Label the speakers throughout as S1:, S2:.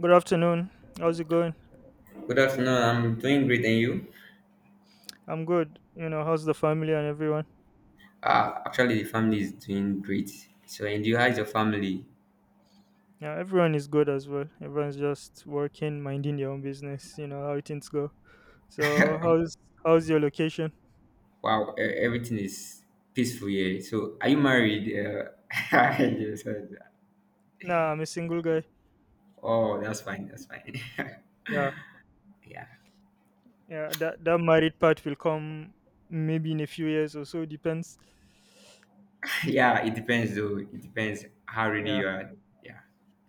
S1: Good afternoon. How's it going?
S2: Good afternoon. I'm doing great, and you?
S1: I'm good. You know, how's the family and everyone?
S2: Actually, the family is doing great. So, and you, how's your family?
S1: Yeah, everyone is good as well. Everyone's just working, minding their own business. You know how things go. So, how's how's your location?
S2: Wow, everything is peaceful here. So, are you married? Yes, I-
S1: Nah, I'm a single guy.
S2: oh, that's fine. That's fine.
S1: Yeah,
S2: Yeah,
S1: yeah. That married part will come maybe in a few years or so. Depends.
S2: yeah. It depends, though. It depends how ready
S1: Yeah,
S2: you are. Yeah.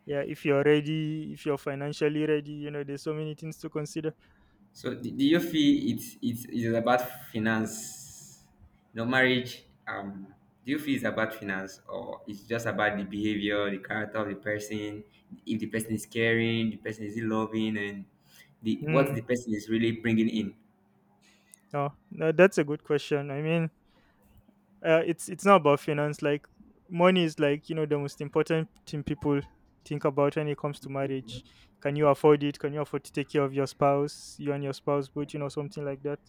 S1: yeah. If you're ready, if you're financially ready, you know, there's so many things to consider.
S2: So do you feel it's about finance? No marriage. Do you feel it's about finance or it's just about the behavior, the character of the person? If the person is caring, the person is loving, and the what
S1: Hmm.
S2: the person is really bringing in.
S1: Oh, no, that's a good question. I mean, it's not about finance. Like money is, like, you know, the most important thing people think about when it comes to marriage. Can you afford it? Can you afford to take care of your spouse, you and your spouse, but you know something like that?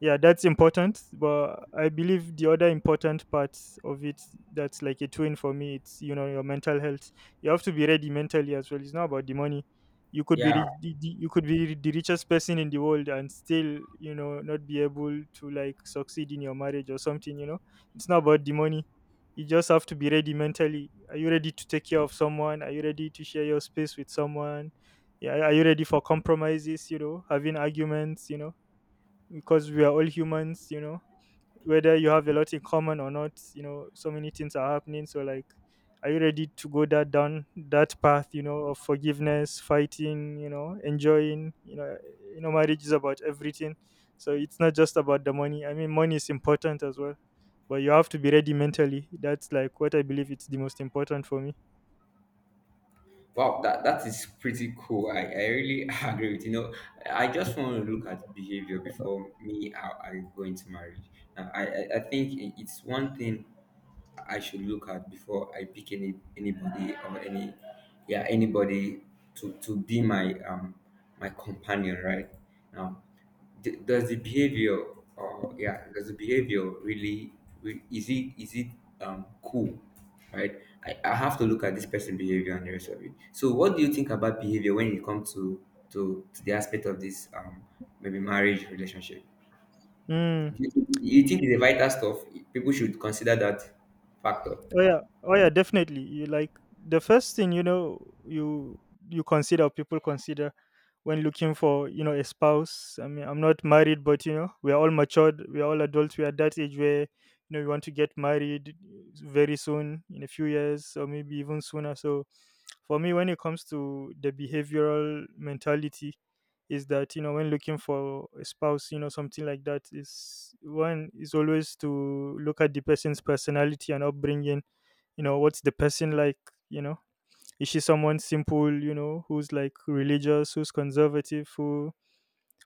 S1: Yeah, that's important. But I believe the other important part of it, that's like a twin for me. It's, you know, your mental health. You have to be ready mentally as well. It's not about the money. You could be
S2: Yeah,
S1: you could be the richest person in the world and still, you know, not be able to, like, succeed in your marriage or something. You know, it's not about the money. You just have to be ready mentally. Are you ready to take care of someone? Are you ready to share your space with someone? Yeah, are you ready for compromises? You know, having arguments. You know, because we are all humans. You know, whether you have a lot in common or not, you know, so many things are happening, so, like, are you ready to go that down that path, you know, of forgiveness, fighting, you know, enjoying, you know, you know marriage is about everything, so it's not just about the money. I mean, money is important as well, but you have to be ready mentally. That's, like, what I believe. It's the most important for me.
S2: wow, that, that is pretty cool. I really agree with you. Know, I just want to look at behavior before me. I go into marriage. Now, I think it's one thing I should look at before I pick anybody or any yeah anybody to be my my companion right now does the behavior or yeah does the behavior really is it cool right, I have to look at this person behavior and the rest of it, so what do you think about behavior when it comes to to the aspect of this maybe marriage relationship?
S1: Hmm.
S2: Do you you think it's a vital stuff people should consider that factor?
S1: Oh yeah, oh yeah, definitely. You, like, the first thing, you know, you you consider, or people consider, when looking for, you know, a spouse. I mean, I'm not married, but you know we're all matured, we're all adults. We're at that age where, you know, we want to get married very soon, in a few years, or maybe even sooner. So for me, when it comes to the behavioral mentality, is that, you know, when looking for a spouse, you know, something like that, is one is always to look at the person's personality and upbringing. You know, what's the person like? You know, is she someone simple, you know, who's, like, religious, who's conservative,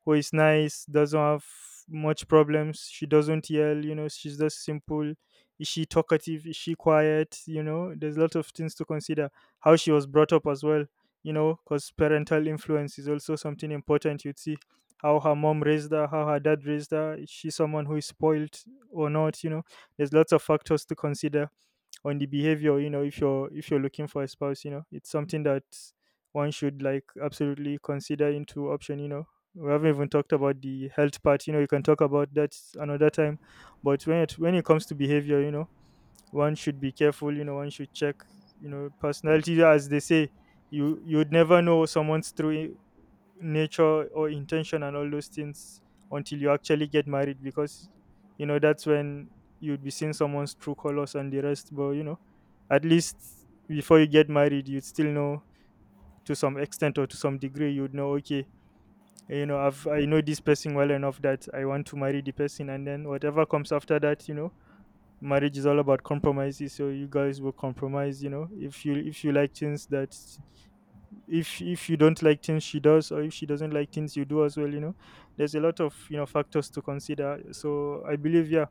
S1: who is nice, doesn't have much problems, she doesn't yell, you know, she's just simple. Is she talkative, is she quiet? You know, there's a lot of things to consider. How she was brought up as well, you know, because parental influence is also something important. You'd see how her mom raised her, how her dad raised her. Is she someone who is spoiled or not? You know, there's lots of factors to consider on the behavior. You know, if you're looking for a spouse, you know, it's something that one should, like, absolutely consider into option. You know, we haven't even talked about the health part. You know, you can talk about that another time. But when it comes to behavior, you know, one should be careful. You know, one should check, you know, personality, as they say. You you'd never know someone's true nature or intention and all those things until you actually get married, because you know that's when you'd be seeing someone's true colors and the rest. But you know, at least before you get married, you'd still know, to some extent or to some degree, you'd know, okay, you know, I know this person well enough that I want to marry the person, and then whatever comes after that, you know, marriage is all about compromises. So you guys will compromise. You know, if you like things that, if you don't like things she does, or if she doesn't like things you do as well, you know, there's a lot of, you know, factors to consider. So I believe, yeah,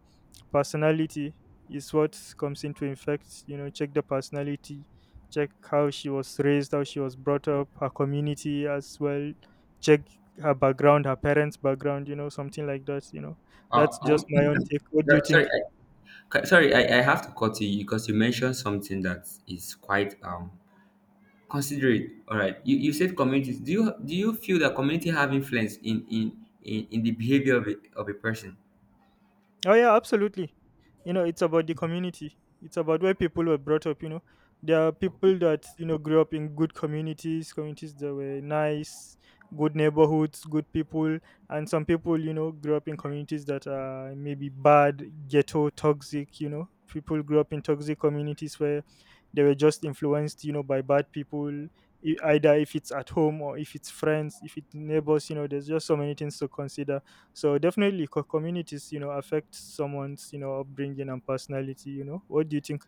S1: personality is what comes into effect. You know, check the personality, check how she was raised, how she was brought up, her community as well. Check her background, her parents background, you know, something like that. You know,
S2: Uh,
S1: that's just
S2: um,
S1: my own take. What do
S2: yeah,
S1: you
S2: sorry,
S1: think?
S2: sorry, I have to cut you because you mentioned something that is quite considerate. All right, you said communities. Do you feel that community have influence in the behavior of of a person?
S1: Oh yeah, absolutely. You know, it's about the community. It's about where people were brought up. You know, there are people that you know grew up in good communities, communities that were nice, good neighborhoods, good people, and some people you know grew up in communities that are maybe bad, ghetto, toxic. You know, people grew up in toxic communities where they were just influenced, you know, by bad people. Either if it's at home or if it's friends, if it's neighbors, you know, there's just so many things to consider. So definitely, communities, you know, affect someone's, you know, upbringing and personality. You know, what do you think?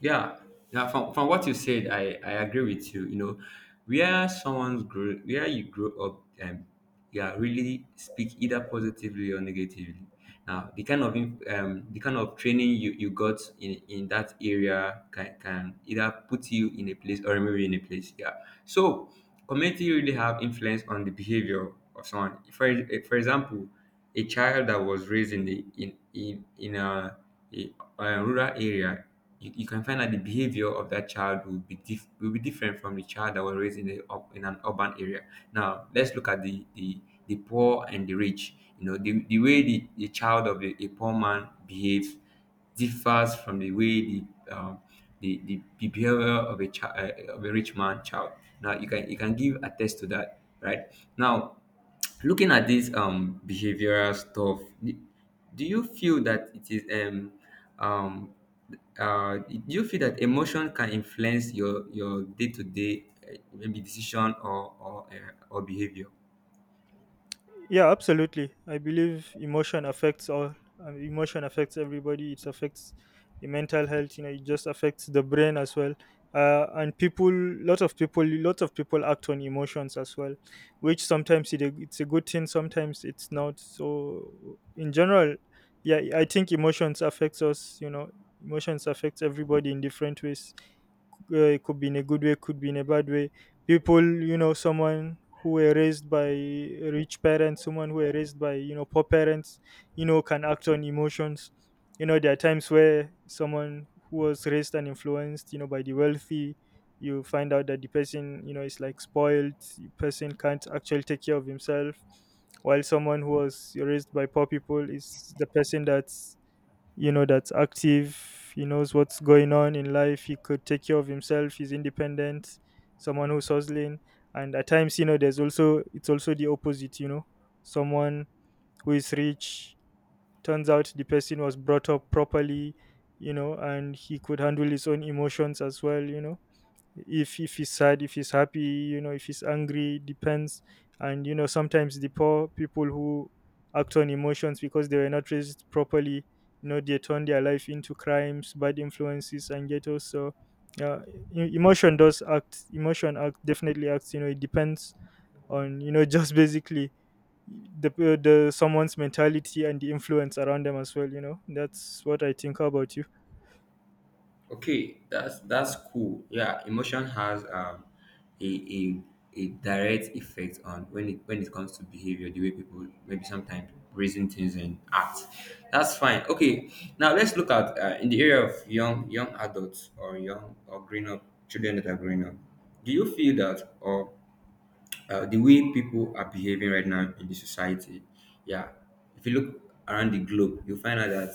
S2: Yeah, yeah. From what you said, I agree with you. You know, where someone's grow, where you grow up, yeah, really speak either positively or negatively. Now, the kind of the kind of training you got in that area can either put you in a place or remove you in a place. Yeah. So, community really have influence on the behavior of someone. For example. A child that was raised in the in a, a rural area, you can find that the behavior of that child will be different from the child that was raised in the up in an urban area. Now let's look at the poor and the rich. You know the way the child of a poor man behaves differs from the way the um, the the behavior of a child of a rich man child. Now you can give a test to that, right? Now looking at this behavioral stuff d- do you feel that it is um do you feel that emotion can influence your day-to-day maybe decision or behavior?
S1: Yeah, absolutely. I believe emotion affects all. Emotion affects everybody. It affects the mental health. You know, it just affects the brain as well. And people, lot of people act on emotions as well, which sometimes it's a good thing, sometimes it's not. So, in general, yeah, I think emotions affects us. You know, emotions affects everybody in different ways. It could be in a good way, could be in a bad way. People, you know, someone who were raised by rich parents, someone who were raised by, you know, poor parents, you know, can act on emotions. You know, there are times where someone who was raised and influenced, you know, by the wealthy, you find out that the person, you know, is, like, spoiled, the person can't actually take care of himself, while someone who was raised by poor people is the person that's, you know, that's active, he knows what's going on in life, he could take care of himself, he's independent, someone who's hustling. And at times, you know, there's also, it's also the opposite. You know, someone who is rich turns out the person was brought up properly, you know, and he could handle his own emotions as well. You know, if he's sad, if he's happy, you know, if he's angry, depends. And you know, sometimes the poor people who act on emotions because they were not raised properly, you know, they turn their life into crimes, bad influences and ghettos. So yeah, emotion does act, emotion act definitely acts. You know, it depends on, you know, just basically the someone's mentality and the influence around them as well. You know, that's what I think. How about you?
S2: Okay, that's cool. Yeah, emotion has a a, a direct effect on when it comes to behavior, the way people maybe sometimes reason things and act. That's fine. Okay, now let's look at in the area of young adults or young or growing up children that are growing up. Do you feel that or the way people are behaving right now in the society. Yeah, if you look around the globe, you find out that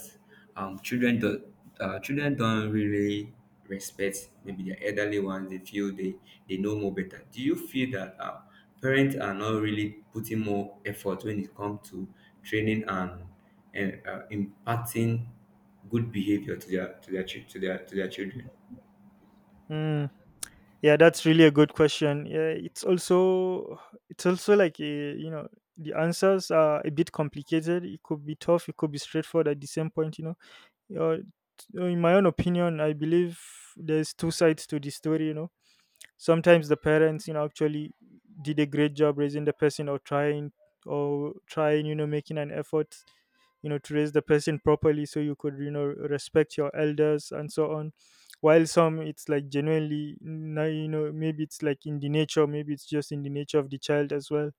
S2: children do, children don't really respect maybe their elderly ones. They feel they know more better. Do you feel that parents are not really putting more effort when it comes to training and impacting good behavior to their to their children?
S1: Mm. Yeah, that's really a good question. Yeah, it's also like a, you know, the answers are a bit complicated. It could be tough, it could be straightforward at the same point. You know, uh, in my own opinion, I believe there's two sides to the story. You know, sometimes the parents, you know, actually did a great job raising the person, or trying, you know, making an effort, you know, to raise the person properly, so you could, you know, respect your elders and so on. While some, it's like genuinely now, you know, maybe it's like in the nature, maybe it's just in the nature of the child as well.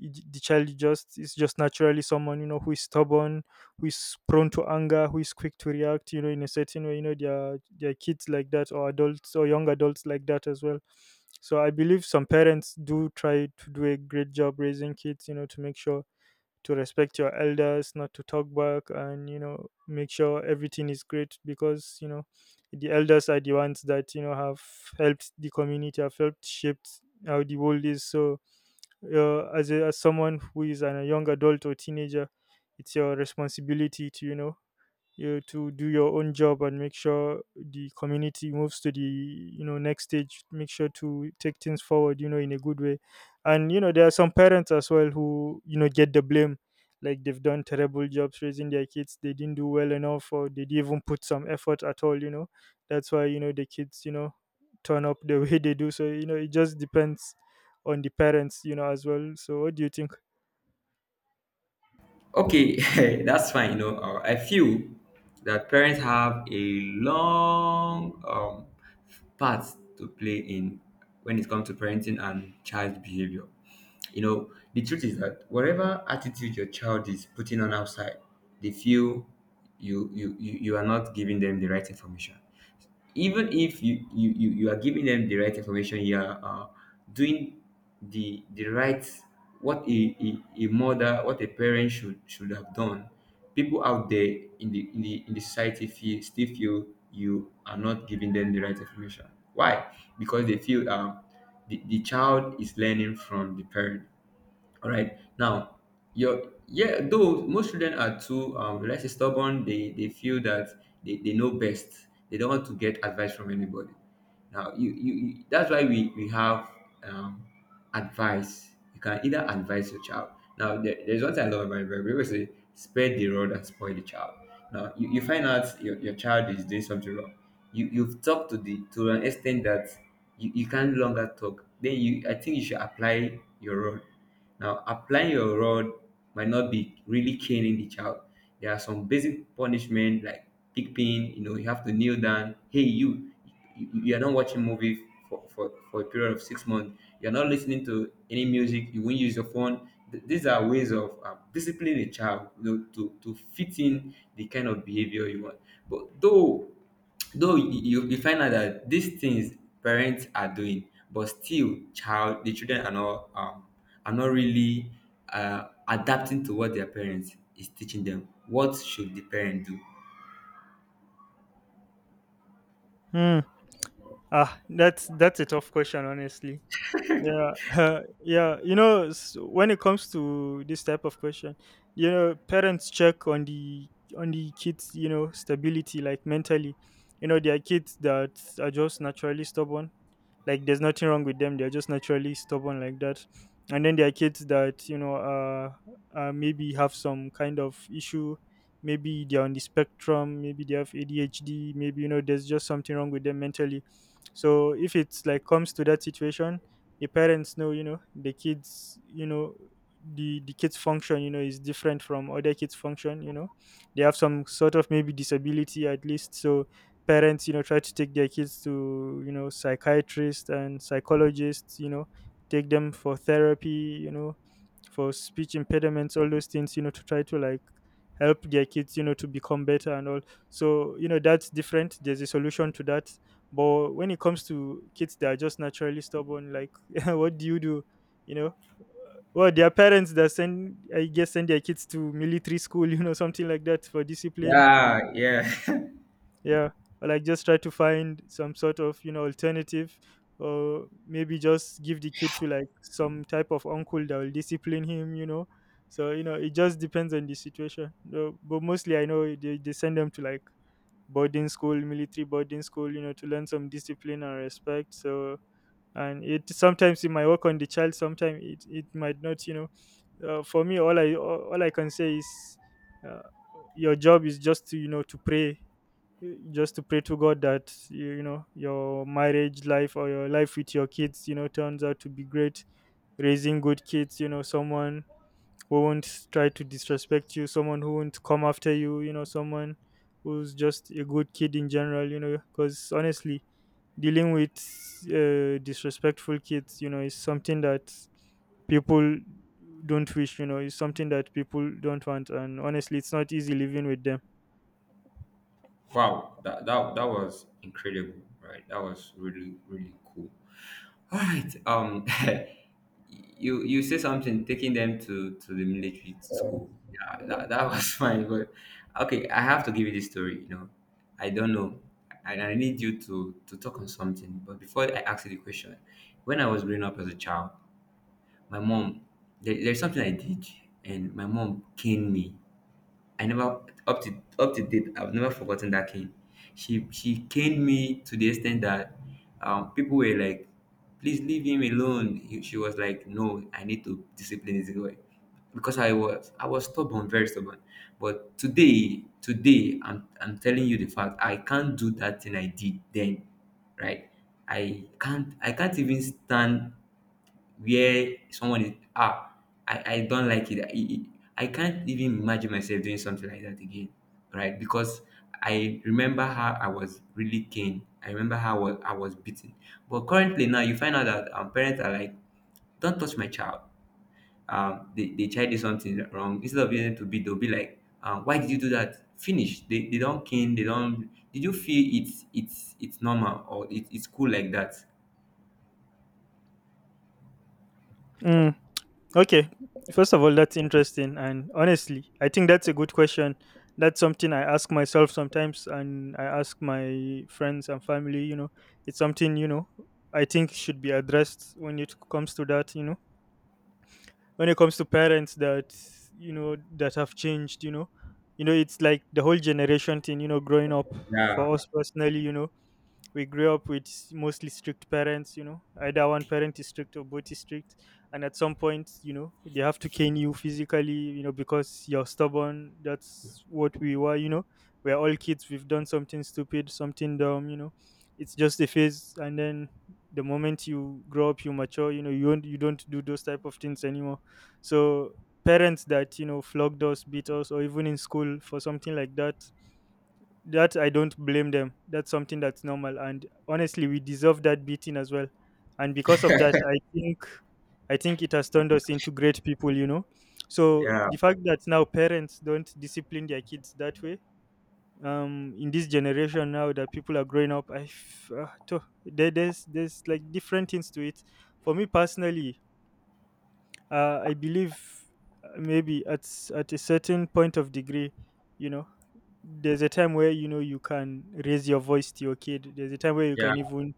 S1: The child just is just naturally someone, you know, who is stubborn, who is prone to anger, who is quick to react, you know, in a certain way. You know, there are kids like that, or adults or young adults like that as well. So I believe some parents do try to do a great job raising kids, you know, to make sure to respect your elders, not to talk back, and you know make sure everything is great because you know the elders are the ones that, you know, have helped the community, have helped shaped how the world is. So as as someone who is a young adult or teenager, it's your responsibility to, you know, you to do your own job and make sure the community moves to the, you know, next stage, make sure to take things forward, you know, in a good way. And you know there are some parents as well who, you know, get the blame, like they've done terrible jobs raising their kids, they didn't do well enough, or they didn't even put some effort at all. You know, that's why, you know, the kids, you know, turn up the way they do. So you know it just depends on the parents, you know, as well. So what do you think?
S2: Okay, that's fine. You know, I feel that parents have a long part to play in when it comes to parenting and child behavior. You know, the truth is that whatever attitude your child is putting on outside, they feel you are not giving them the right information, even if you are giving them the right information, you are doing the right what a mother, what a parent should have done, people out there in in the society feel still feel you are not giving them the right information. Why? Because they feel the child is learning from the parent, all right. Now, your yeah, though most children are too let's say stubborn, they feel that they know best. They don't want to get advice from anybody. Now you that's why we have um advice. You can either advise your child. Now there's one thing I love about it: we always say spare the rod and spoil the child. Now you find out your child is doing something wrong. You've talked to the to an extent that you can no longer talk. Then you I think you should apply your rod. Now, applying your rod might not be really caning the child. There are some basic punishment like pigpin, you know, you have to kneel down. Hey, you are not watching movie for a period of 6 months. You're not listening to any music. You won't use your phone. These are ways of disciplining a child, you know, to fit in the kind of behavior you want. But though you find out that these things parents are doing, but still child the children are not really adapting to what their parents is teaching them. What should the parent do?
S1: hmm that's a tough question, honestly. Yeah, yeah. You know, when it comes to this type of question, you know, parents check on the kids, you know, stability, like mentally. You know, there are kids that are just naturally stubborn, like there's nothing wrong with them, they're just naturally stubborn like that. And then there are kids that, you know, maybe have some kind of issue, maybe they're on the spectrum, maybe they have adhd, maybe, you know, there's just something wrong with them mentally. So if it's like comes to that situation, the parents know, you know, the kids, you know, the kids function, you know, is different from other kids function, you know. They have some sort of maybe disability at least. So parents, you know, try to take their kids to, you know, psychiatrists and psychologists, you know, take them for therapy, you know, for speech impediments, all those things, you know, to try to like help their kids, you know, to become better and all. So you know that's different, there's a solution to that. But when it comes to kids that are just naturally stubborn, like, what do you do, you know? Well, their parents that send, I guess, send their kids to military school you know, something like that for discipline.
S2: Yeah, yeah.
S1: Yeah. Or like just try to find some sort of, you know, alternative, or maybe just give the kid to like some type of uncle that will discipline him, you know. So you know it just depends on the situation. No, but mostly I know they send them to like boarding school, military boarding school, you know, to learn some discipline and respect. So, and it sometimes it might work on the child, sometimes it might not, you know. For me, all I can say is uh, your job is just to, you know, to pray, just to pray to God that you know, your marriage life or your life with your kids, you know, turns out to be great, raising good kids, you know, someone who won't try to disrespect you, someone who won't come after you, you know, someone who's just a good kid in general, you know, because honestly, dealing with disrespectful kids, you know, is something that people don't wish, you know, is something that people don't want. And honestly, it's not easy living with them.
S2: Wow, that was incredible, right? That was really really cool, all right. You say something taking them to the military school, yeah, that was fine. But okay, I have to give you this story, you know. I don't know, and I need you to talk on something, but before I ask you the question, when I was growing up as a child, my mom, there's something I did and my mom caned me. I never up to date, I've never forgotten that cane. She caned me to the extent that people were like, "Please leave him alone." She was like, "No, I need to discipline this boy," because I was stubborn, very stubborn. But today, today, I'm telling you the fact. I can't do that thing I did then, right? I can't even stand where someone is ah, I don't like it. I can't even imagine myself doing something like that again, right? Because I remember how I was really keen. I remember how I was beaten. But currently now, you find out that parents are like, "Don't touch my child." The child did something wrong. Instead of using to beat, they'll be like, "Why did you do that?" Finish. They don't keen. They don't. Did you feel it's it's normal, or it, it's cool like that?
S1: Mm, okay. First of all, that's interesting. And honestly, I think that's a good question. That's something I ask myself sometimes, and I ask my friends and family. You know, it's something, you know, I think should be addressed when it comes to that, you know, when it comes to parents that, you know, that have changed, you know, it's like the whole generation thing, you know. Growing up
S2: Yeah,
S1: for us personally, you know, we grew up with mostly strict parents, you know, either one parent is strict or both is strict. And at some point, you know, they have to cane you physically, you know, because you're stubborn. That's what we were, you know, we're all kids, we've done something stupid, something dumb, you know, it's just a phase. And then the moment you grow up, you mature, you know, you don't do those type of things anymore. So parents that, you know, flogged us, beat us, or even in school for something like that, that I don't blame them. That's something that's normal, and honestly, we deserve that beating as well. And because of that, I think it has turned us into great people. You know, so
S2: yeah,
S1: the fact that now parents don't discipline their kids that way, in this generation now that people are growing up, there, there's like different things to it. For me personally, I believe maybe at at a certain point of degree, you know, there's a time where, you know, you can raise your voice to your kid, there's a time where you
S2: yeah,
S1: can even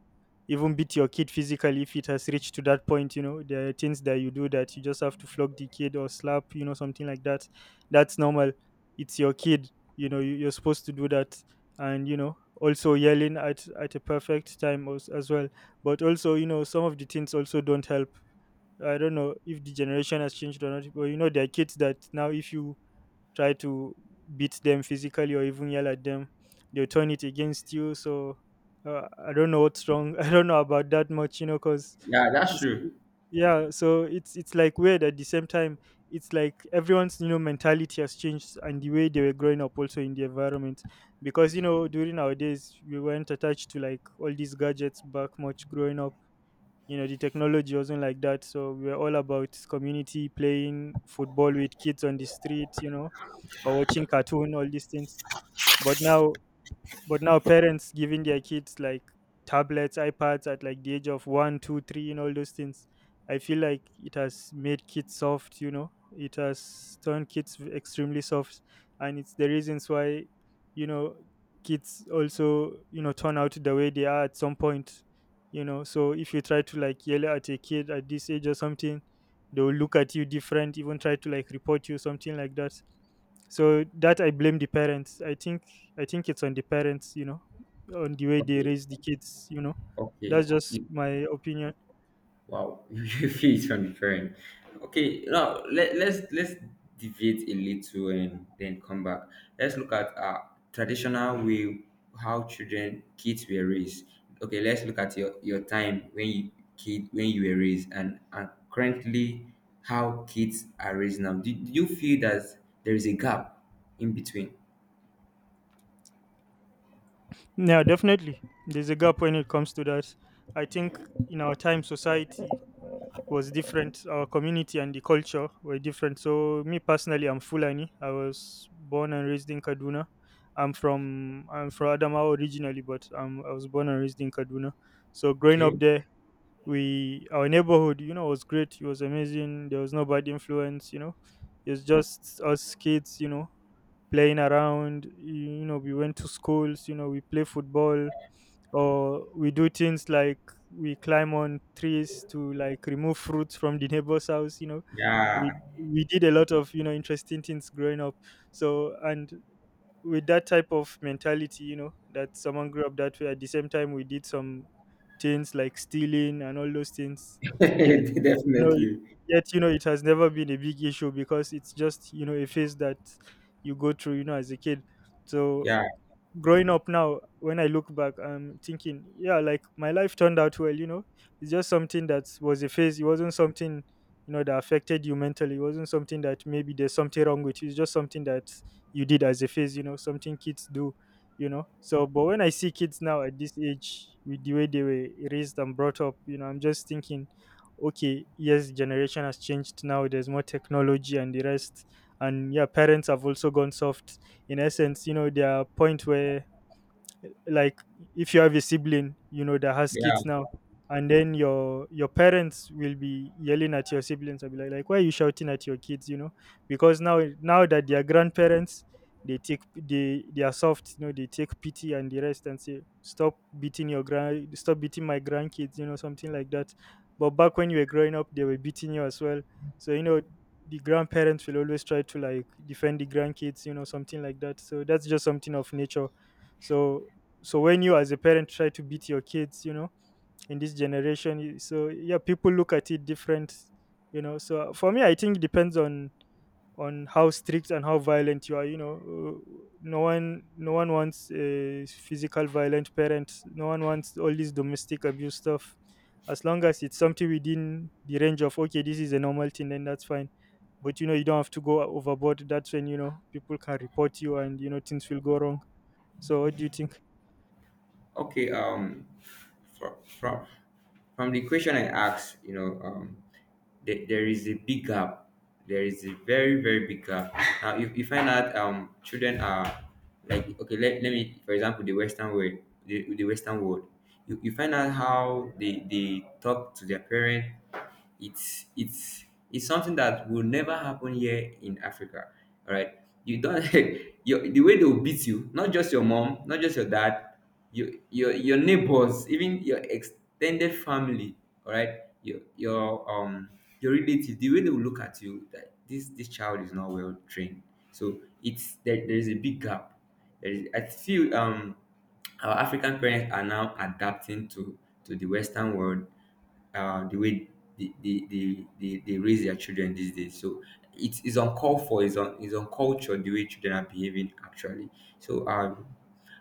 S1: even beat your kid physically if it has reached to that point. You know, there are things that you do that you just have to flog the kid or slap, you know, something like that. That's normal, it's your kid, you know, you, you're supposed to do that. And you know also yelling at a perfect time as well. But also you know some of the things also don't help. I don't know if the generation has changed or not, but you know there are kids that now if you try to beat them physically or even yell at them, they'll turn it against you. So I don't know what's wrong. I don't know about that much, you know, because
S2: yeah. That's true.
S1: yeah, so it's like weird at the same time. It's like everyone's, you know, mentality has changed, and the way they were growing up also in the environment, because you know during our days we weren't attached to like all these gadgets back much growing up. You know the technology wasn't like that, so we were all about community, playing football with kids on the street, you know, or watching cartoon, all these things. But now, but now parents giving their kids like tablets, ipads at like the age of 1, 2, 3 and all those things, I feel like it has made kids soft. You know, it has turned kids extremely soft. And it's the reasons why, you know, kids also, you know, turn out the way they are at some point, you know. So if you try to like yell at a kid at this age or something, they will look at you different, even try to like report you, something like that. So that I blame the parents, I think. I think it's on the parents, you know, on the way they
S2: Okay.
S1: raise the kids, you know.
S2: Okay.
S1: That's just
S2: You,
S1: my opinion.
S2: wow, you feel it's unfair. Okay, now let's deviate a little and then come back. Let's look at traditional way how children kids were raised. Okay, let's look at your time when you kid when you were raised and currently how kids are raised now. Do you feel that there is a gap in between?
S1: Yeah, definitely. There's a gap when it comes to that. I think in our time, society was different. Our community and the culture were different. So, me personally, I'm Fulani. I was born and raised in Kaduna. I'm from Adamawa originally, but I was born and raised in Kaduna. So, growing up
S2: Okay.
S1: there, we our neighborhood, you know, was great, it was amazing. There was no bad influence, you know, it was just us kids, you know, playing around, you know, we went to schools, you know, we play football, or we do things like we climb on trees to like remove fruits from the neighbor's house, you know. we
S2: Yeah.
S1: we did a lot of, you know, interesting things growing up. So, and with that type of mentality, you know, that someone grew up that way. At the same time, we did some things like stealing and all those things. Yet, you know,
S2: Definitely.
S1: yet, you know, it has never been a big issue, because it's just, you know, a phase that you go through, you know, as a kid. So
S2: Yeah.
S1: growing up now, when I look back, I'm thinking, yeah, like my life turned out well. You know, it's just something that was a phase. It wasn't something, you know, that affected you mentally. It wasn't something that maybe there's something wrong with you. It's just something that you did as a phase, something kids do. So but when I see kids now at this age with the way they were raised and brought up, I'm just thinking, okay, yes, generation has changed. Now there's more technology and the rest. And yeah, parents have also gone soft in essence. There are point where, like, if you have a sibling, that has
S2: Yeah.
S1: kids now, and then your parents will be yelling at your siblings, I'll be like, why are you shouting at your kids? Because now that they are grandparents, they take, they are soft. They take pity and the rest and say, stop beating your grand, stop beating my grandkids. Something like that. But back when you were growing up, they were beating you as well. So, the grandparents will always try to, like, defend the grandkids. Something like that. So that's just something of nature. So so when you as a parent try to beat your kids, in this generation, so yeah, people look at it different. So for me, I think it depends on how strict and how violent you are. No one wants a physical violent parent. No one wants all this domestic abuse stuff. As long as it's something within the range of, okay, this is a normal thing, then that's fine. But you don't have to go overboard. That's when people can report you and things will go wrong. So, what do you think?
S2: Okay, from from from the question I asked, you know, there is a big gap. There is a very very big gap. Now, if you find out children are like okay, let me for example the Western world, the Western world, you find out how they talk to their parents, it's it's something that will never happen here in Africa. All right, you don't your the way they will beat you, not just your mom, not just your dad, your neighbors, even your extended family. All right, your relative, the way they will look at you that this child is not well trained. So it's there is a big gap. There is, I feel our African parents are now adapting to the Western world, the way they raise their children these days. So it's uncalled for, it's uncultured the way children are behaving actually. So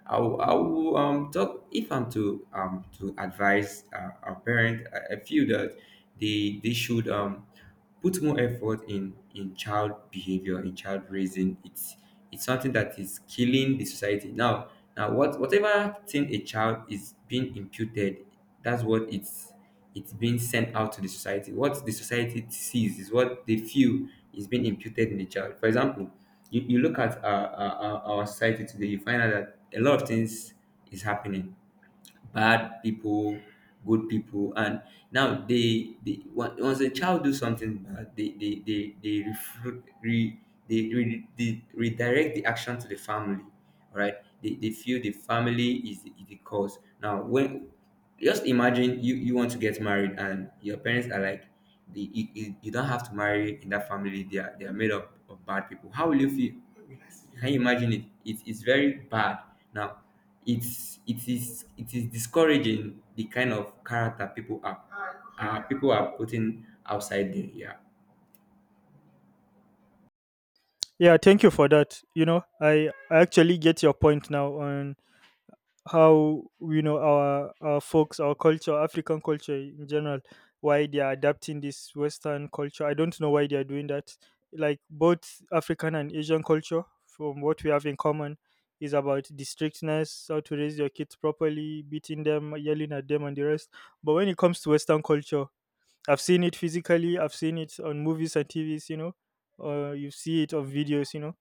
S2: I will talk, if I'm to advise our parent, I feel that they should put more effort in child behavior, in child raising. It's something that is killing the society. Now, whatever thing a child is being imputed, that's what it's being sent out to the society. What the society sees is what they feel is being imputed in the child. For example, you look at our society today. You find out that a lot of things is happening, bad people, good people. And now once a child do something bad, they refru- re, they redirect the action to the family. All right, they feel the family is is the cause. Now, when just imagine you want to get married and your parents are like, the, you don't have to marry in that family, they are made up of bad people. How will you feel? Can you imagine? It is very bad now. It is discouraging the kind of character people are, people are putting outside there. Yeah.
S1: Yeah, thank you for that. I actually get your point now on how, our folks, our culture, African culture in general, why they are adapting this Western culture. I don't know why they are doing that. Like, both African and Asian culture, from what we have in common, is about the strictness, how to raise your kids properly, beating them, yelling at them, and the rest. But when it comes to Western culture, I've seen it physically, I've seen it on movies and TVs. You see it on videos.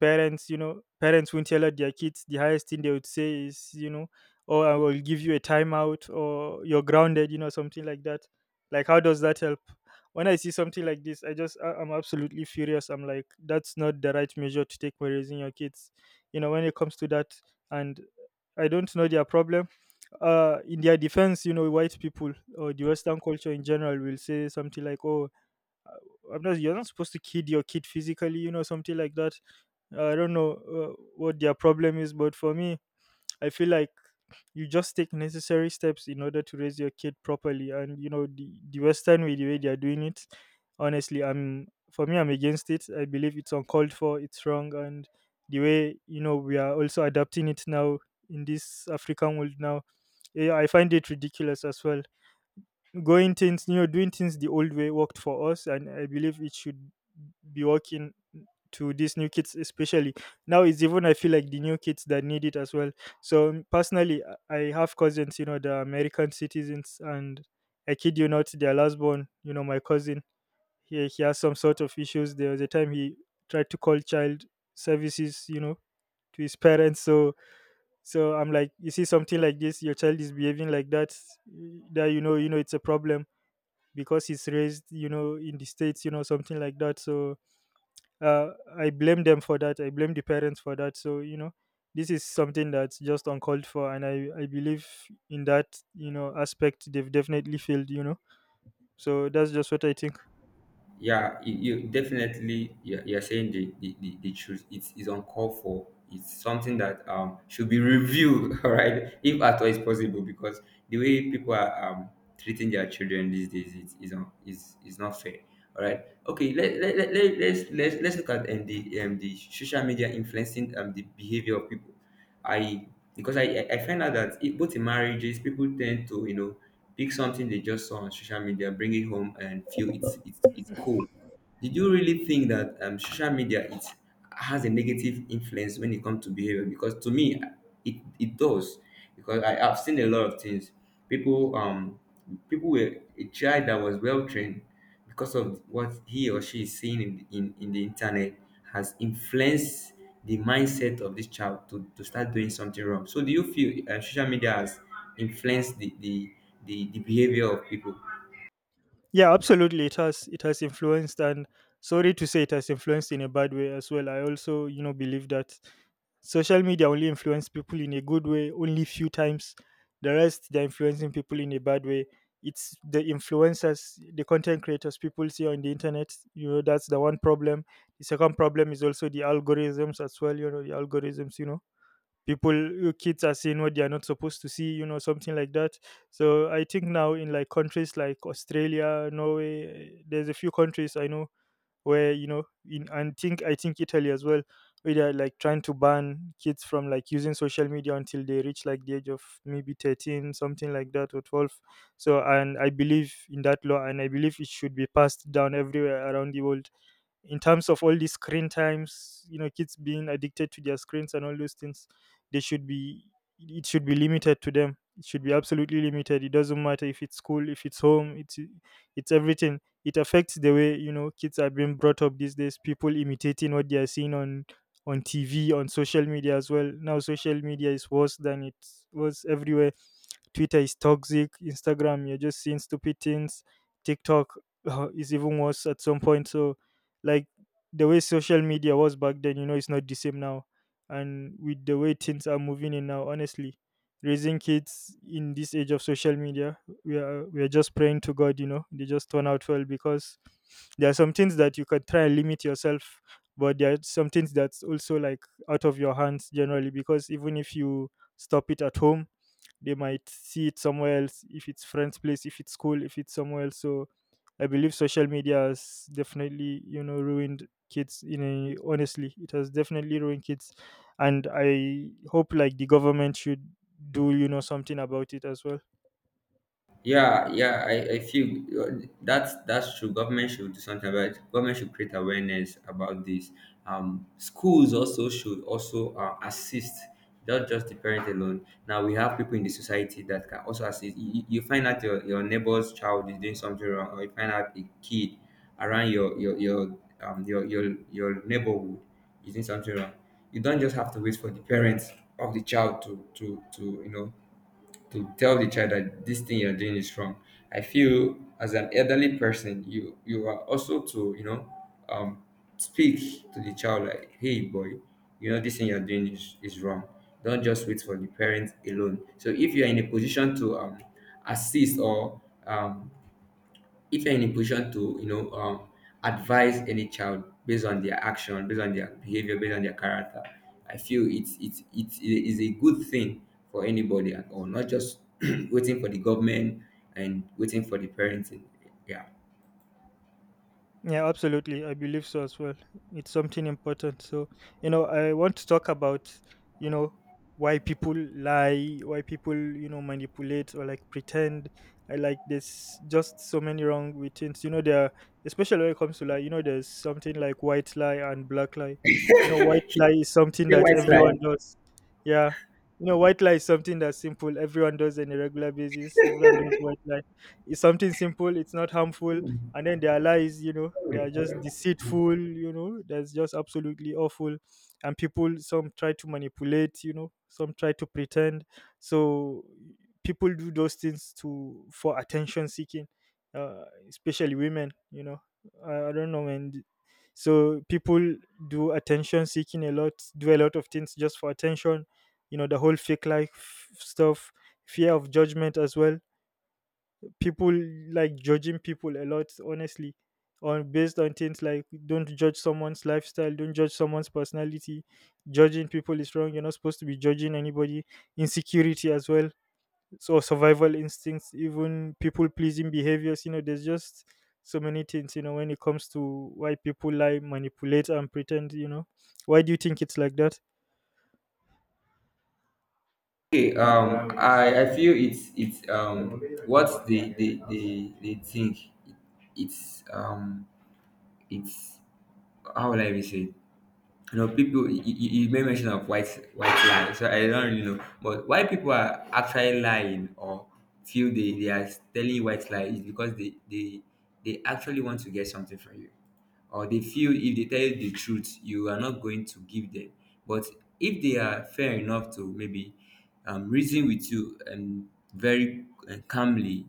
S1: parents, parents won't yell at their kids. The highest thing they would say is, oh, I will give you a timeout, or you're grounded. Something like that. Like, how does that help? When I see something like this, I just I'm absolutely furious. I'm like, that's not the right measure to take when raising your kids. When it comes to that. And I don't know their problem. In their defense, white people or the Western culture in general will say something like, oh, I'm not you're not supposed to kid your kid physically. Something like that. I don't know what their problem is, but for me, I feel like you just take necessary steps in order to raise your kid properly. And the Western way, the way they are doing it, honestly, I'm for me, I'm against it. I believe it's uncalled for, it's wrong, and the way, we are also adapting it now in this African world now. Yeah, I find it ridiculous as well. Going things, doing things the old way worked for us, and I believe it should be working to these new kids especially. Now, it's even, I feel like, the new kids that need it as well. So, personally, I have cousins, the American citizens. And I kid you not, their last born, my cousin, he has some sort of issues. There was a time he tried to call child services, to his parents. So I'm like, you see something like this, your child is behaving like that, that, it's a problem, because he's raised, in the States. Something like that. So, uh, I blame them for that. I blame the parents for that. So, this is something that's just uncalled for, and I believe in that, aspect, they've definitely failed. So that's just what I think.
S2: Yeah, you definitely you're saying the truth. It's uncalled for. It's something that should be reviewed, all right, if at all it's possible. Because the way people are treating their children these days is is not fair. All right, okay, let's look at the social media influencing the behavior of people. I because I find out that, it, both in marriages, people tend to, you know, pick something they just saw on social media, bring it home, and feel it's cool. Did you really think that, social media, it has a negative influence when it comes to behavior? Because to me, it does. Because I have seen a lot of things. People um People were a child that was well trained, because of what he or she is seeing in, in the internet, has influenced the mindset of this child to start doing something wrong. So, do you feel social media has influenced the behavior of people?
S1: Yeah, absolutely. It has influenced, and sorry to say, it has influenced in a bad way as well. I also, believe that social media only influence people in a good way only few times. The rest, they're influencing people in a bad way. It's the influencers, the content creators people see on the internet. That's the one problem. The second problem is also the algorithms as well. The algorithms. People, kids are seeing what they are not supposed to see. Something like that. So I think now in, like, countries like Australia, Norway, there's a few countries I know where, you know in and think, I think Italy as well, where they're like trying to ban kids from like using social media until they reach like the age of maybe 13, something like that, or 12. So, and I believe in that law, and I believe it should be passed down everywhere around the world. In terms of all these screen times, kids being addicted to their screens and all those things, they should be, it should be limited to them. It should be absolutely limited. It doesn't matter if it's school, if it's home, it's everything. It affects the way, kids are being brought up these days, people imitating what they are seeing on TV, on social media as well. Now, social media is worse than it was everywhere. Twitter is toxic. Instagram, you're just seeing stupid things. TikTok, is even worse at some point. So, like, the way social media was back then, it's not the same now. And with the way things are moving in now, honestly, raising kids in this age of social media, we are just praying to God. They just turn out well, because there are some things that you can try and limit yourself, but there are some things that's also, like, out of your hands generally, because even if you stop it at home, they might see it somewhere else, if it's friend's place, if it's school, if it's somewhere else. So I believe social media has definitely, ruined kids in a, honestly, it has definitely ruined kids. And I hope like the government should do, something about it as well.
S2: Yeah, yeah, I feel that's true. Government should do something about it. Government should create awareness about this. Schools also should also assist, not just the parent alone. Now we have people in the society that can also assist. You find out your neighbor's child is doing something wrong, or you find out a kid around your neighborhood is doing something wrong. You don't just have to wait for the parents of the child to you know, to tell the child that this thing you're doing is wrong. I feel as an elderly person, you are also to, you know, um, speak to the child like, hey boy, you know, this thing you're doing is wrong. Don't just wait for the parents alone. So if you're in a position to assist, or um, if you're in a position to, you know, advise any child based on their action, based on their behavior, based on their character, I feel it is a good thing for anybody at all, not just waiting for the government and waiting for the parenting. Yeah.
S1: Yeah, absolutely. I believe so as well. It's something important. So, I want to talk about, you know, why people lie, why people, manipulate or like pretend. I, like, there's just so many wrong with things. There, especially when it comes to lie, there's something like white lie and black lie. White lie is something
S2: Yeah,
S1: that
S2: white lie.
S1: everyone does. Yeah. White lie is something that's simple. Everyone does on a regular basis. Everyone does white lie. It's something simple. It's not harmful. And then their lies, they are just deceitful. That's just absolutely awful. And people, some try to manipulate, some try to pretend. So people do those things to, for attention seeking, especially women. I don't know, man. So people do attention seeking a lot, do a lot of things just for attention. The whole fake life stuff, fear of judgment as well. People, like, judging people a lot, honestly, on based on things like, don't judge someone's lifestyle, don't judge someone's personality. Judging people is wrong. You're not supposed to be judging anybody. Insecurity as well. So, survival instincts, even people pleasing behaviors, there's just so many things when it comes to why people lie, manipulate, and pretend. Why do you think it's like that?
S2: Okay, I feel it's what they think. It's um it's How will I even say it? You know, people, you made mention of white lie. So I don't really know, but why people are actually lying, or feel they are telling white lie, is because they actually want to get something from you, or they feel if they tell you the truth, you are not going to give them. But if they are fair enough to maybe reason with you, and very calmly,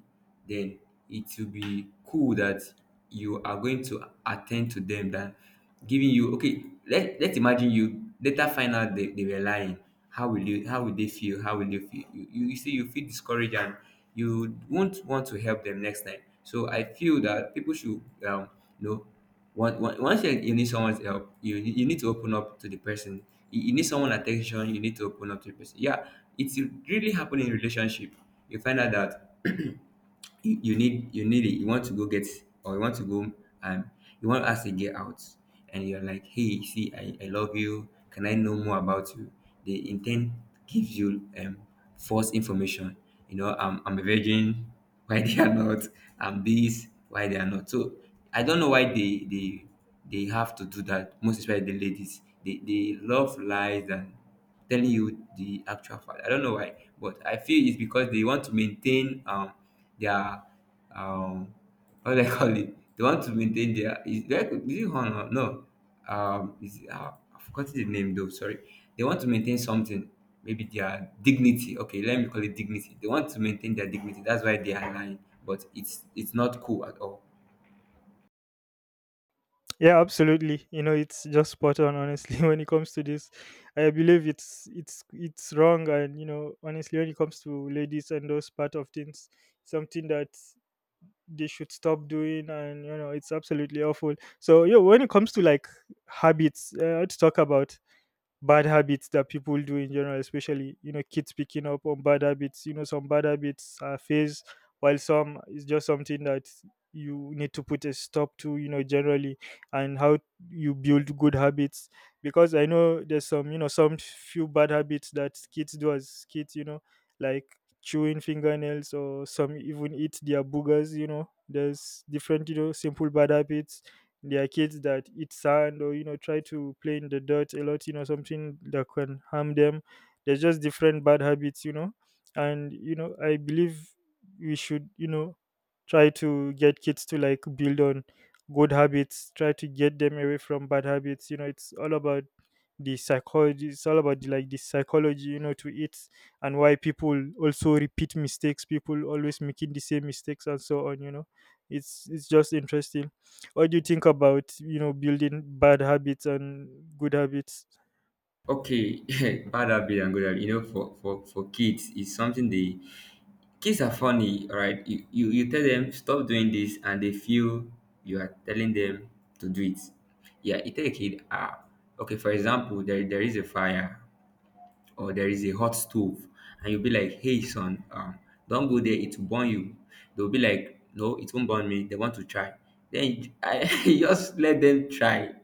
S2: then it will be cool that you are going to attend to them. That giving you, okay, let's imagine you later find out they were lying. How will you, how will they feel, how will you feel? You see, you feel discouraged and you won't want to help them next time. So I feel that people should, um you know, once you need someone's help, you need to open up to the person. You need someone attention, you need to open up to the person. Yeah. It's really happening in relationship. You find out that you need it. You want to go get, or you want to go, and you want to ask a girl out, and you're like, hey see, I love you, can I know more about you? The intent gives you false information. You know, I'm a virgin. Why they are not, I'm this, why they are not. So I don't know why they have to do that. Most especially the ladies, they love lies and telling you the actual fact. I don't know why, but I feel it's because they want to maintain their, um what do I call it? They want to maintain their, is that, is it honor? No, is I forgot the name though. Sorry, they want to maintain something. Maybe their dignity. Okay, let me call it dignity. They want to maintain their dignity. That's why they are lying. But it's not cool at all.
S1: Yeah, absolutely. It's just spot on, honestly, when it comes to this. I believe it's wrong, and honestly, when it comes to ladies and those part of things, something that they should stop doing, and it's absolutely awful. So yeah, when it comes to like habits, let's talk about bad habits that people do in general, especially kids picking up on bad habits. Some bad habits are phase, while some is just something that you need to put a stop to. Generally, and how you build good habits. Because I know there's some, some few bad habits that kids do as kids. Like chewing fingernails, or some even eat their boogers. There's different, simple bad habits. There are kids that eat sand, or, try to play in the dirt a lot, something that can harm them. There's just different bad habits. And, I believe we should, try to get kids to like build on good habits, try to get them away from bad habits. It's all about the psychology, it's all about the, like, the psychology, to it. And why people also repeat mistakes, people always making the same mistakes, and so on, it's just interesting. What do you think about, building bad habits and good habits?
S2: Okay, bad habit and good habit. You know, for kids, it's something they, kids are funny, alright. You tell them stop doing this and they feel you are telling them to do it. Yeah, you tell a kid, ah, okay, for example, there is a fire, or there is a hot stove, and you'll be like, hey son, don't go there, it will burn you. They'll be like, no, it won't burn me, they want to try. Then I you just let them try.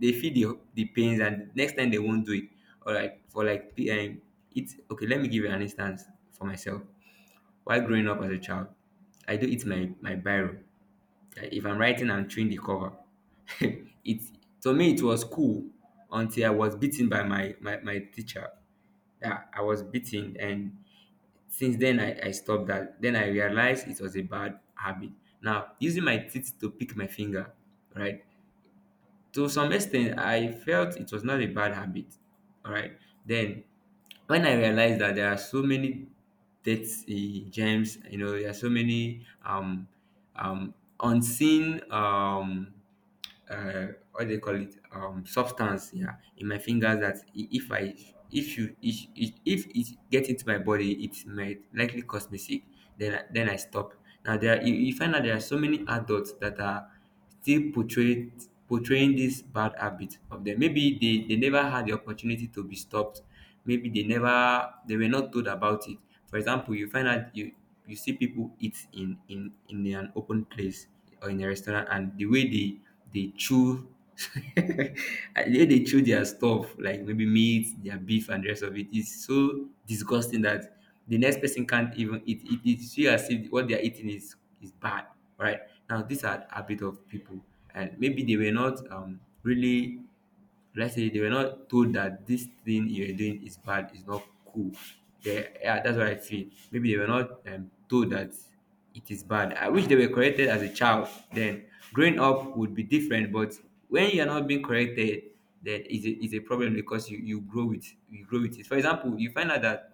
S2: They feel the pains, and next time they won't do it. Alright, for like it's okay, let me give you an instance. For myself, while growing up as a child, I do eat my biro. Like, if I'm writing, I'm chewing the cover. It, to me it was cool, until I was beaten by my teacher. Yeah, I was beaten, and since then I stopped that. Then I realized it was a bad habit. Now using my teeth to pick my finger, right? To some extent I felt it was not a bad habit. All right, then when I realized that there are so many dirty gems, you know, there are so many um unseen, what they call it, substance, yeah, in my fingers, that if I if you if it get into my body, it might likely cause me sick, then then I stop. Now there are, you find out there are so many adults that are still portrayed portraying this bad habit of them. Maybe they never had the opportunity to be stopped, maybe they were not told about it. For example, you find out you see people eat in an open place or in a restaurant, and the way they chew, the way they chew their stuff, like maybe meat, their beef and the rest of it, is so disgusting that the next person can't even eat it. It's feel as if what they're eating is bad, right? Now these are a bit of people, and maybe they were not really, let's say they were not told that this thing you're doing is bad, is not cool. They, yeah, that's what I feel. Maybe they were not, told that it is bad. I wish they were corrected as a child. Then growing up would be different. But when you are not being corrected, then is a problem, because you grow with, you grow with it. For example, you find out that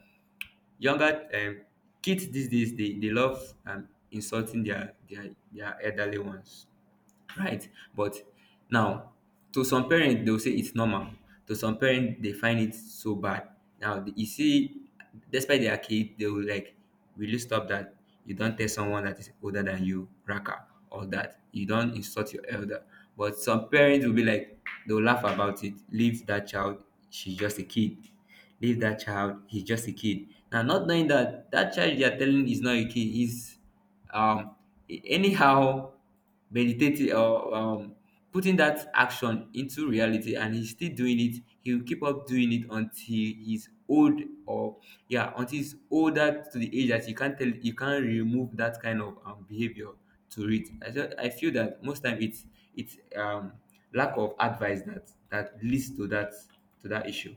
S2: younger kids these days, they love insulting their elderly ones. Right. But now, to some parents, they'll say it's normal. To some parents, they find it so bad. Now, you see, despite their kid, they will like, will you stop that? You don't tell someone that is older than you, raka, or that. You don't insult your elder. But some parents will be like, they'll laugh about it. Leave that child. She's just a kid. Leave that child. He's just a kid. Now, not knowing that that child you're telling is not a kid, is um anyhow meditating or putting that action into reality, and he's still doing it. He will keep up doing it until he's old, or yeah, until he's older, to the age that you can't tell, you can't remove that kind of behavior to it. I just I feel that most time it's it's lack of advice that leads to that issue.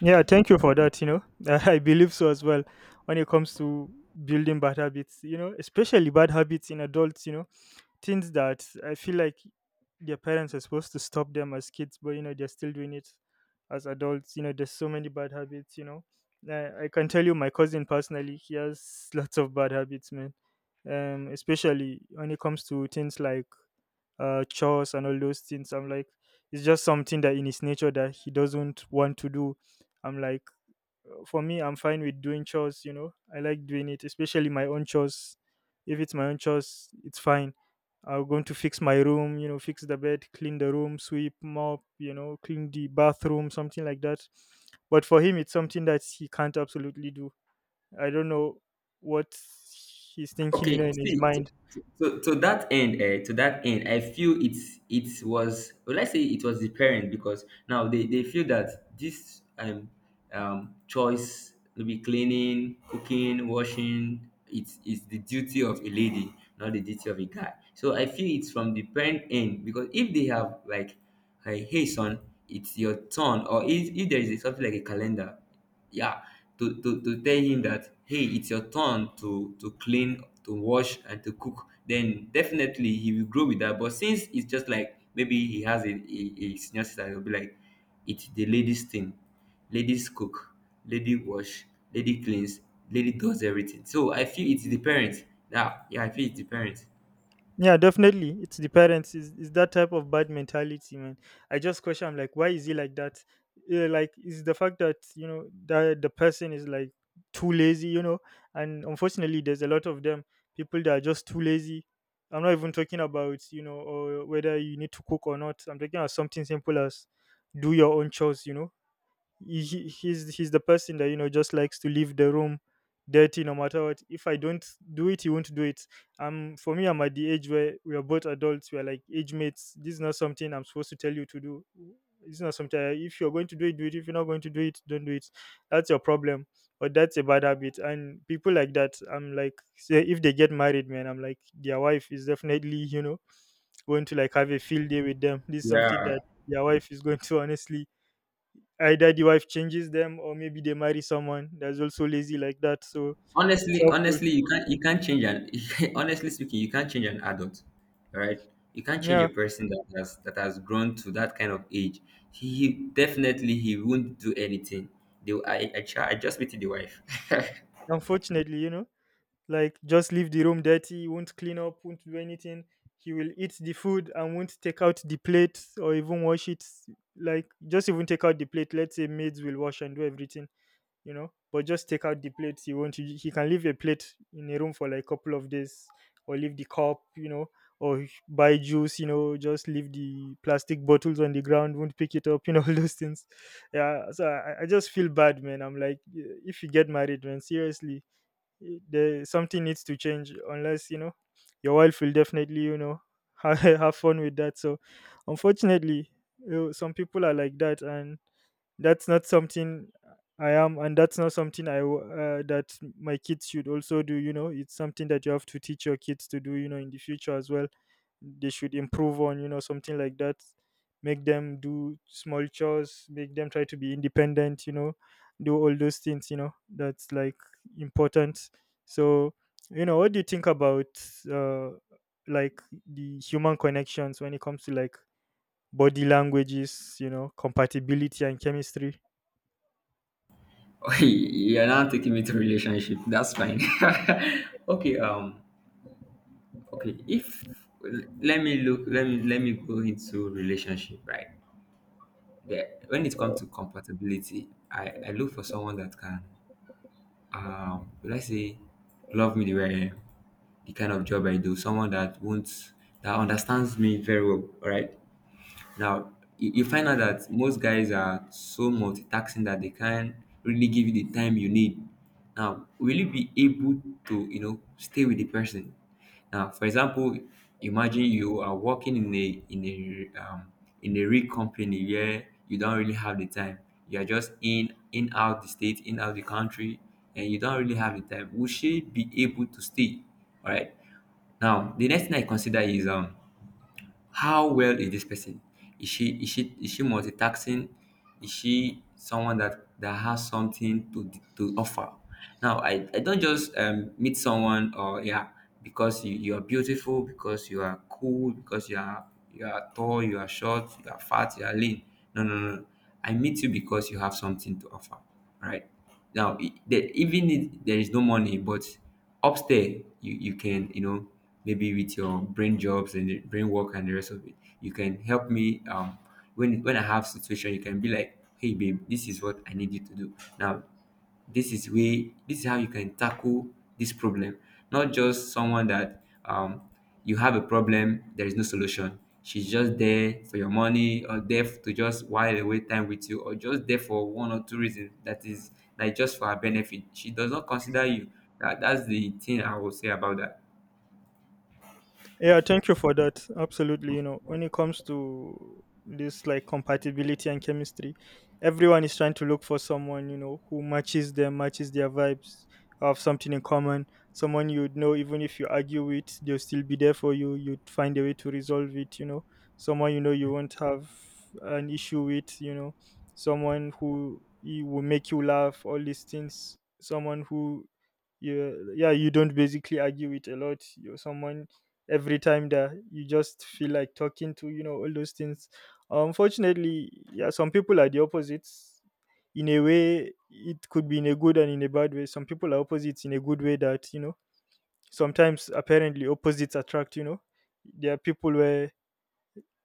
S1: Yeah, thank you for that. I believe so as well. When it comes to building bad habits, especially bad habits in adults, things that I feel like their parents are supposed to stop them as kids, but they're still doing it as adults. There's so many bad habits. I can tell you, my cousin personally, he has lots of bad habits, man. Especially when it comes to things like, chores and all those things. I'm like, it's just something that in his nature that he doesn't want to do. I'm like, for me, I'm fine with doing chores. You know, I like doing it, especially my own chores. If it's my own chores, it's fine. I'm going to fix my room. You know, fix the bed, clean the room, sweep, mop. You know, clean the bathroom, something like that. But for him, it's something that he can't absolutely do. I don't know what he's thinking, you know,
S2: Okay,
S1: in his
S2: see,
S1: mind.
S2: to that end, I feel it's, it was, well, let's say it was the parent, because now they feel that this choice, maybe cleaning, cooking, washing, it's the duty of a lady, not the duty of a guy. So I feel it's from the parent end, because if they have like, hey, hey son, it's your turn, or if there is something like a calendar, yeah, to tell him that hey, it's your turn to clean, to wash, and to cook, then definitely he will grow with that. But since it's just like maybe he has a senior sister, he'll be like, it's the ladies thing, ladies cook, lady wash, lady cleans, lady does everything. So I feel it's the parents. Yeah, I feel it's the parents.
S1: Yeah, definitely. It's the parents. Is that type of bad mentality, man? I just question. I'm like, why is he like that? Is the fact that you know that the person is like too lazy, you know? And unfortunately, there's a lot of them people that are just too lazy. I'm not even talking about, you know, or whether you need to cook or not. I'm talking about something simple as do your own chores. He's the person that, you know, just likes to leave the room dirty. No matter what, if I don't do it, he won't do it. For me, I'm at the age where we are both adults, we are like age mates. This is not something I'm supposed to tell you to do. It's not something if you're going to do it, do it. If you're not going to do it, don't do it. That's your problem. But that's a bad habit, and people like that, I'm like, say if they get married, man, I'm like, their wife is definitely, you know, going to like have a field day with them. This is something
S2: Yeah,
S1: that their wife is going to honestly either the wife changes them, or maybe they marry someone that's also lazy like that. So it's
S2: honestly
S1: helpful.
S2: honestly you can't change an— honestly speaking, you can't change an adult, all right? You can't change
S1: Yeah,
S2: a person that has grown to that kind of age. He definitely, he won't do anything. They will— try— I just meet the wife.
S1: unfortunately, you know, like just leave the room dirty, he won't clean up, won't do anything. He will eat the food and won't take out the plate or even wash it. Like, just even take out the plate. Let's say maids will wash and do everything. You know, but just take out the plates, you want to, he can leave a plate in a room for like a couple of days, or leave the cup, you know, or buy juice, you know, just leave the plastic bottles on the ground, won't pick it up, you know, all those things. Yeah, so I just feel bad, man. I'm like, if you get married, man, seriously, there something needs to change unless, you know, your wife will definitely, you know, have fun with that. So unfortunately, you know, some people are like that, and that's not something I am, and that's not something that my kids should also do. You know, it's something that you have to teach your kids to do, you know, in the future as well. They should improve on, you know, something like that. Make them do small chores, make them try to be independent, you know, do all those things. You know, that's like important. So, you know, what do you think about uh like the human connections when it comes to like body languages, you know, compatibility and chemistry?
S2: You're not taking me to relationship, that's fine. Okay, okay, if— let me look, let me go into relationship, right? There, when it comes to compatibility, I look for someone that can, would I say, love me the way I am, the kind of job I do, someone that won't— that understands me very well, all right? Now, you find out that most guys are so multitasking that they can't really give you the time you need. Now, will you be able to, you know, stay with the person? Now, for example, imagine you are working in a— in a real company where you don't really have the time. You are just in— in, out the state, in, out the country, and you don't really have the time. Will she be able to stay? All right. Now, the next thing I consider is, how well is this person? Is she— is she multitasking? Is she someone that has something to offer? Now I don't just meet someone, or yeah, because you are beautiful, because you are cool, because you are tall, you are short, you are fat, you are lean. No, no, no, no. I meet you because you have something to offer, right? Now, I- the, even if there is no money, but upstairs, you— you can, you know, maybe with your brain jobs and the brain work and the rest of it, you can help me, when I have situation, you can be like, hey babe, this is what I need you to do now, this is way— this is how you can tackle this problem. Not just someone that you have a problem, there is no solution. She's just there for your money, or there to just while away time with you, or just there for one or two reasons that is like just for her benefit. She does not consider you. That's the thing I will say about that.
S1: Yeah, thank you for that. Absolutely. You know, when it comes to this like compatibility and chemistry, everyone is trying to look for someone, you know, who matches them, matches their vibes, have something in common, someone you'd know even if you argue with, they'll still be there for you. You'd find a way to resolve it, you know, someone you know you won't have an issue with, you know, someone who will make you laugh, all these things, someone who, yeah, yeah, you don't basically argue with a lot. You're someone every time that you just feel like talking to, you know, all those things. Unfortunately, yeah, some people are the opposites. In a way, it could be in a good and in a bad way. Some people are opposites in a good way, that, you know, sometimes apparently opposites attract, you know. There are people where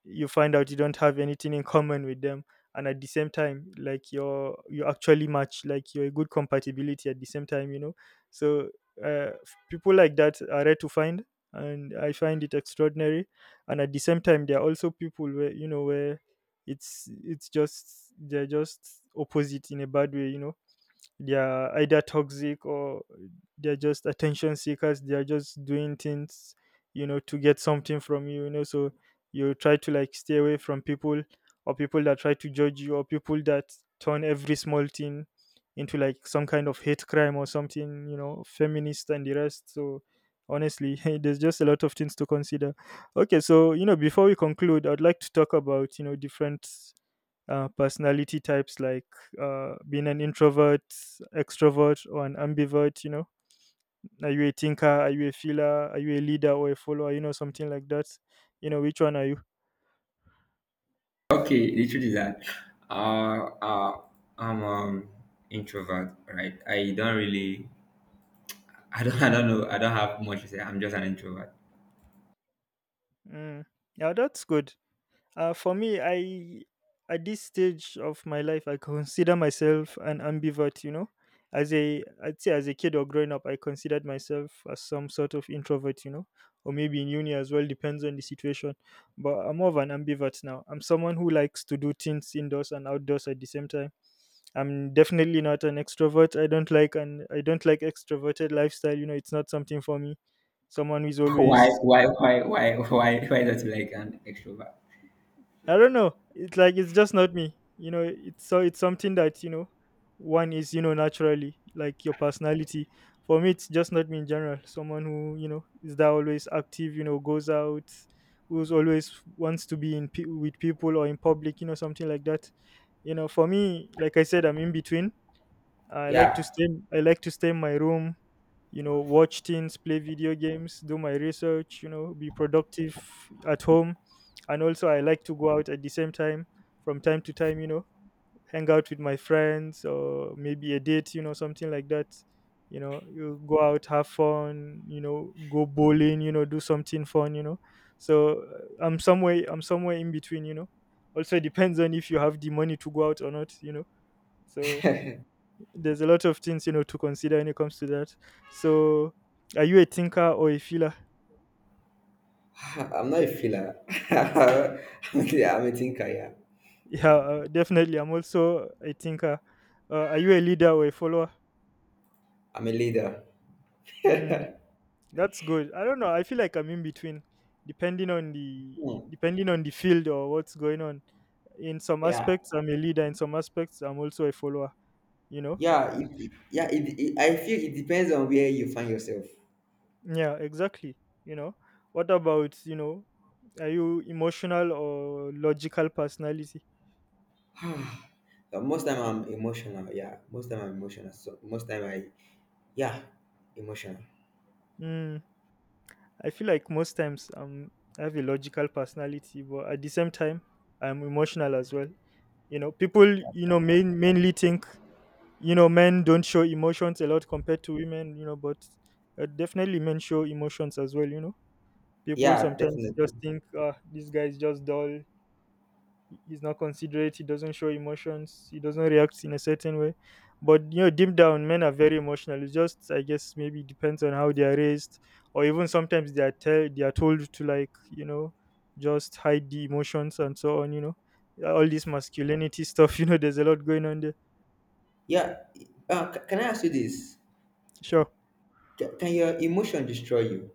S1: you find out you don't have anything in common with them, and at the same time, like, you're, you actually match, like, you're a good compatibility at the same time, you know. So people like that are rare to find, and I find it extraordinary. And at the same time, there are also people where, you know, where it's just they're just opposite in a bad way, you know. They're either toxic, or they're just attention seekers, they're just doing things, you know, to get something from you, you know. So you try to like stay away from people, or people that try to judge you, or people that turn every small thing into like some kind of hate crime or something, you know, feminist and the rest. So honestly there's just a lot of things to consider. Okay, so, you know, before we conclude, I'd like to talk about, you know, different personality types, like being an introvert, extrovert, or an ambivert. You know, are you a thinker? Are you a feeler? Are you a leader or a follower? You know, something like that. You know, which one are you?
S2: Okay, the truth is that uh, uh, I'm introvert, right? I don't really, I don't, I don't know, I don't have much to say. I'm just an introvert.
S1: Mm. Yeah, that's good. For me, I at this stage of my life, I consider myself an ambivert. You know, as a I'd say as a kid or growing up, I considered myself as some sort of introvert. You know, or maybe in uni as well, depends on the situation. But I'm more of an ambivert now. I'm someone who likes to do things indoors and outdoors at the same time. I'm definitely not an extrovert. I don't like extroverted lifestyle. You know, it's not something for me. Someone who is always.
S2: Why, why not like an extrovert?
S1: I don't know. It's like, it's just not me. You know, it's something that, you know, one is, you know, naturally like your personality. For me, it's just not me in general. Someone who, you know, is that always active. You know, goes out, who's always wants to be with people or in public. You know, something like that. You know, for me, like I said, I'm in between. I like to
S2: Yeah,
S1: stay. I like to stay in my room, you know, watch things, play video games, do my research, you know, be productive at home. And also, I like to go out at the same time from time to time, you know, hang out with my friends or maybe a date, you know, something like that. You know, you go out, have fun, you know, go bowling, you know, do something fun, you know. So I'm somewhere in between, you know. Also depends on if you have the money to go out or not, you know. So there's a lot of things, you know, to consider when it comes to that. So, are you a thinker or a feeler?
S2: I'm not a filler. I'm I'm a thinker. Yeah,
S1: Yeah, definitely. I'm also a thinker. Are you a leader or a follower?
S2: I'm a leader.
S1: Mm, that's good. I don't know. I feel like I'm in between, depending
S2: Hmm.
S1: on the field or what's going on. In some
S2: Yeah,
S1: aspects, I'm a leader. In some aspects, I'm also a follower. You know.
S2: yeah. It, I feel it depends on where you find yourself.
S1: Yeah, exactly. You know, what about, you know, are you emotional or logical personality?
S2: Most time I'm emotional. Yeah, most time I'm emotional. So most time I, yeah, emotional.
S1: Mm, I feel like most times I have a logical personality, but at the same time, I'm emotional as well. You know, people,
S2: That's
S1: you
S2: fine.
S1: know, mainly think, you know, men don't show emotions a lot compared to women, you know, but definitely men show emotions as well, you know. People
S2: Yeah,
S1: sometimes
S2: definitely.
S1: just think, ah, this guy is just dull, he's not considerate, he doesn't show emotions, he doesn't react in a certain way. But you know, deep down, men are very emotional. It's just, I guess maybe depends on how they are raised, or even sometimes they are told to, like, you know, just hide the emotions and so on, you know. Yeah, all this masculinity stuff you know there's a lot going on there.
S2: Yeah. C- can I ask you this?
S1: Sure.
S2: C- can your emotion destroy you?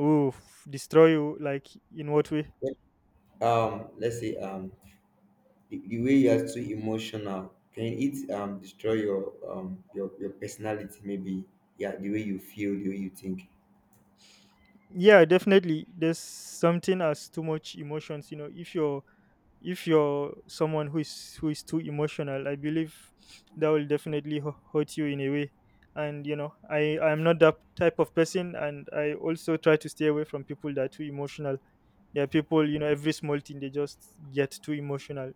S1: Oof, destroy you, like, in what way?
S2: Let's say the way you are too emotional, can it destroy your your personality, maybe, yeah, the way you feel, the way you think?
S1: Yeah, definitely there's something as too much emotions, you know. If you're someone who is too emotional, I believe that will definitely hurt you in a way. And you know, I'm not that type of person, and I also try to stay away from people that are too emotional. There are people, you know, every small thing they just get too emotional.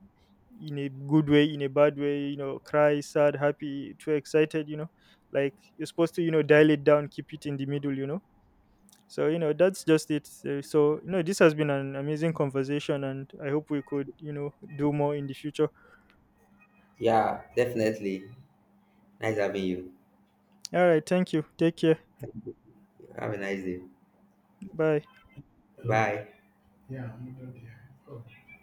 S1: In a good way, in a bad way, you know, cry, sad, happy, too excited, you know. Like, you're supposed to, you know, dial it down, keep it in the middle, you know. So, you know, that's just it. So, you know, this has been an amazing conversation, and I hope we could, you know, do more in the future.
S2: Yeah, definitely. Nice having you.
S1: All right, thank you. Take care.
S2: Have a nice day.
S1: Bye.
S2: Yeah, bye.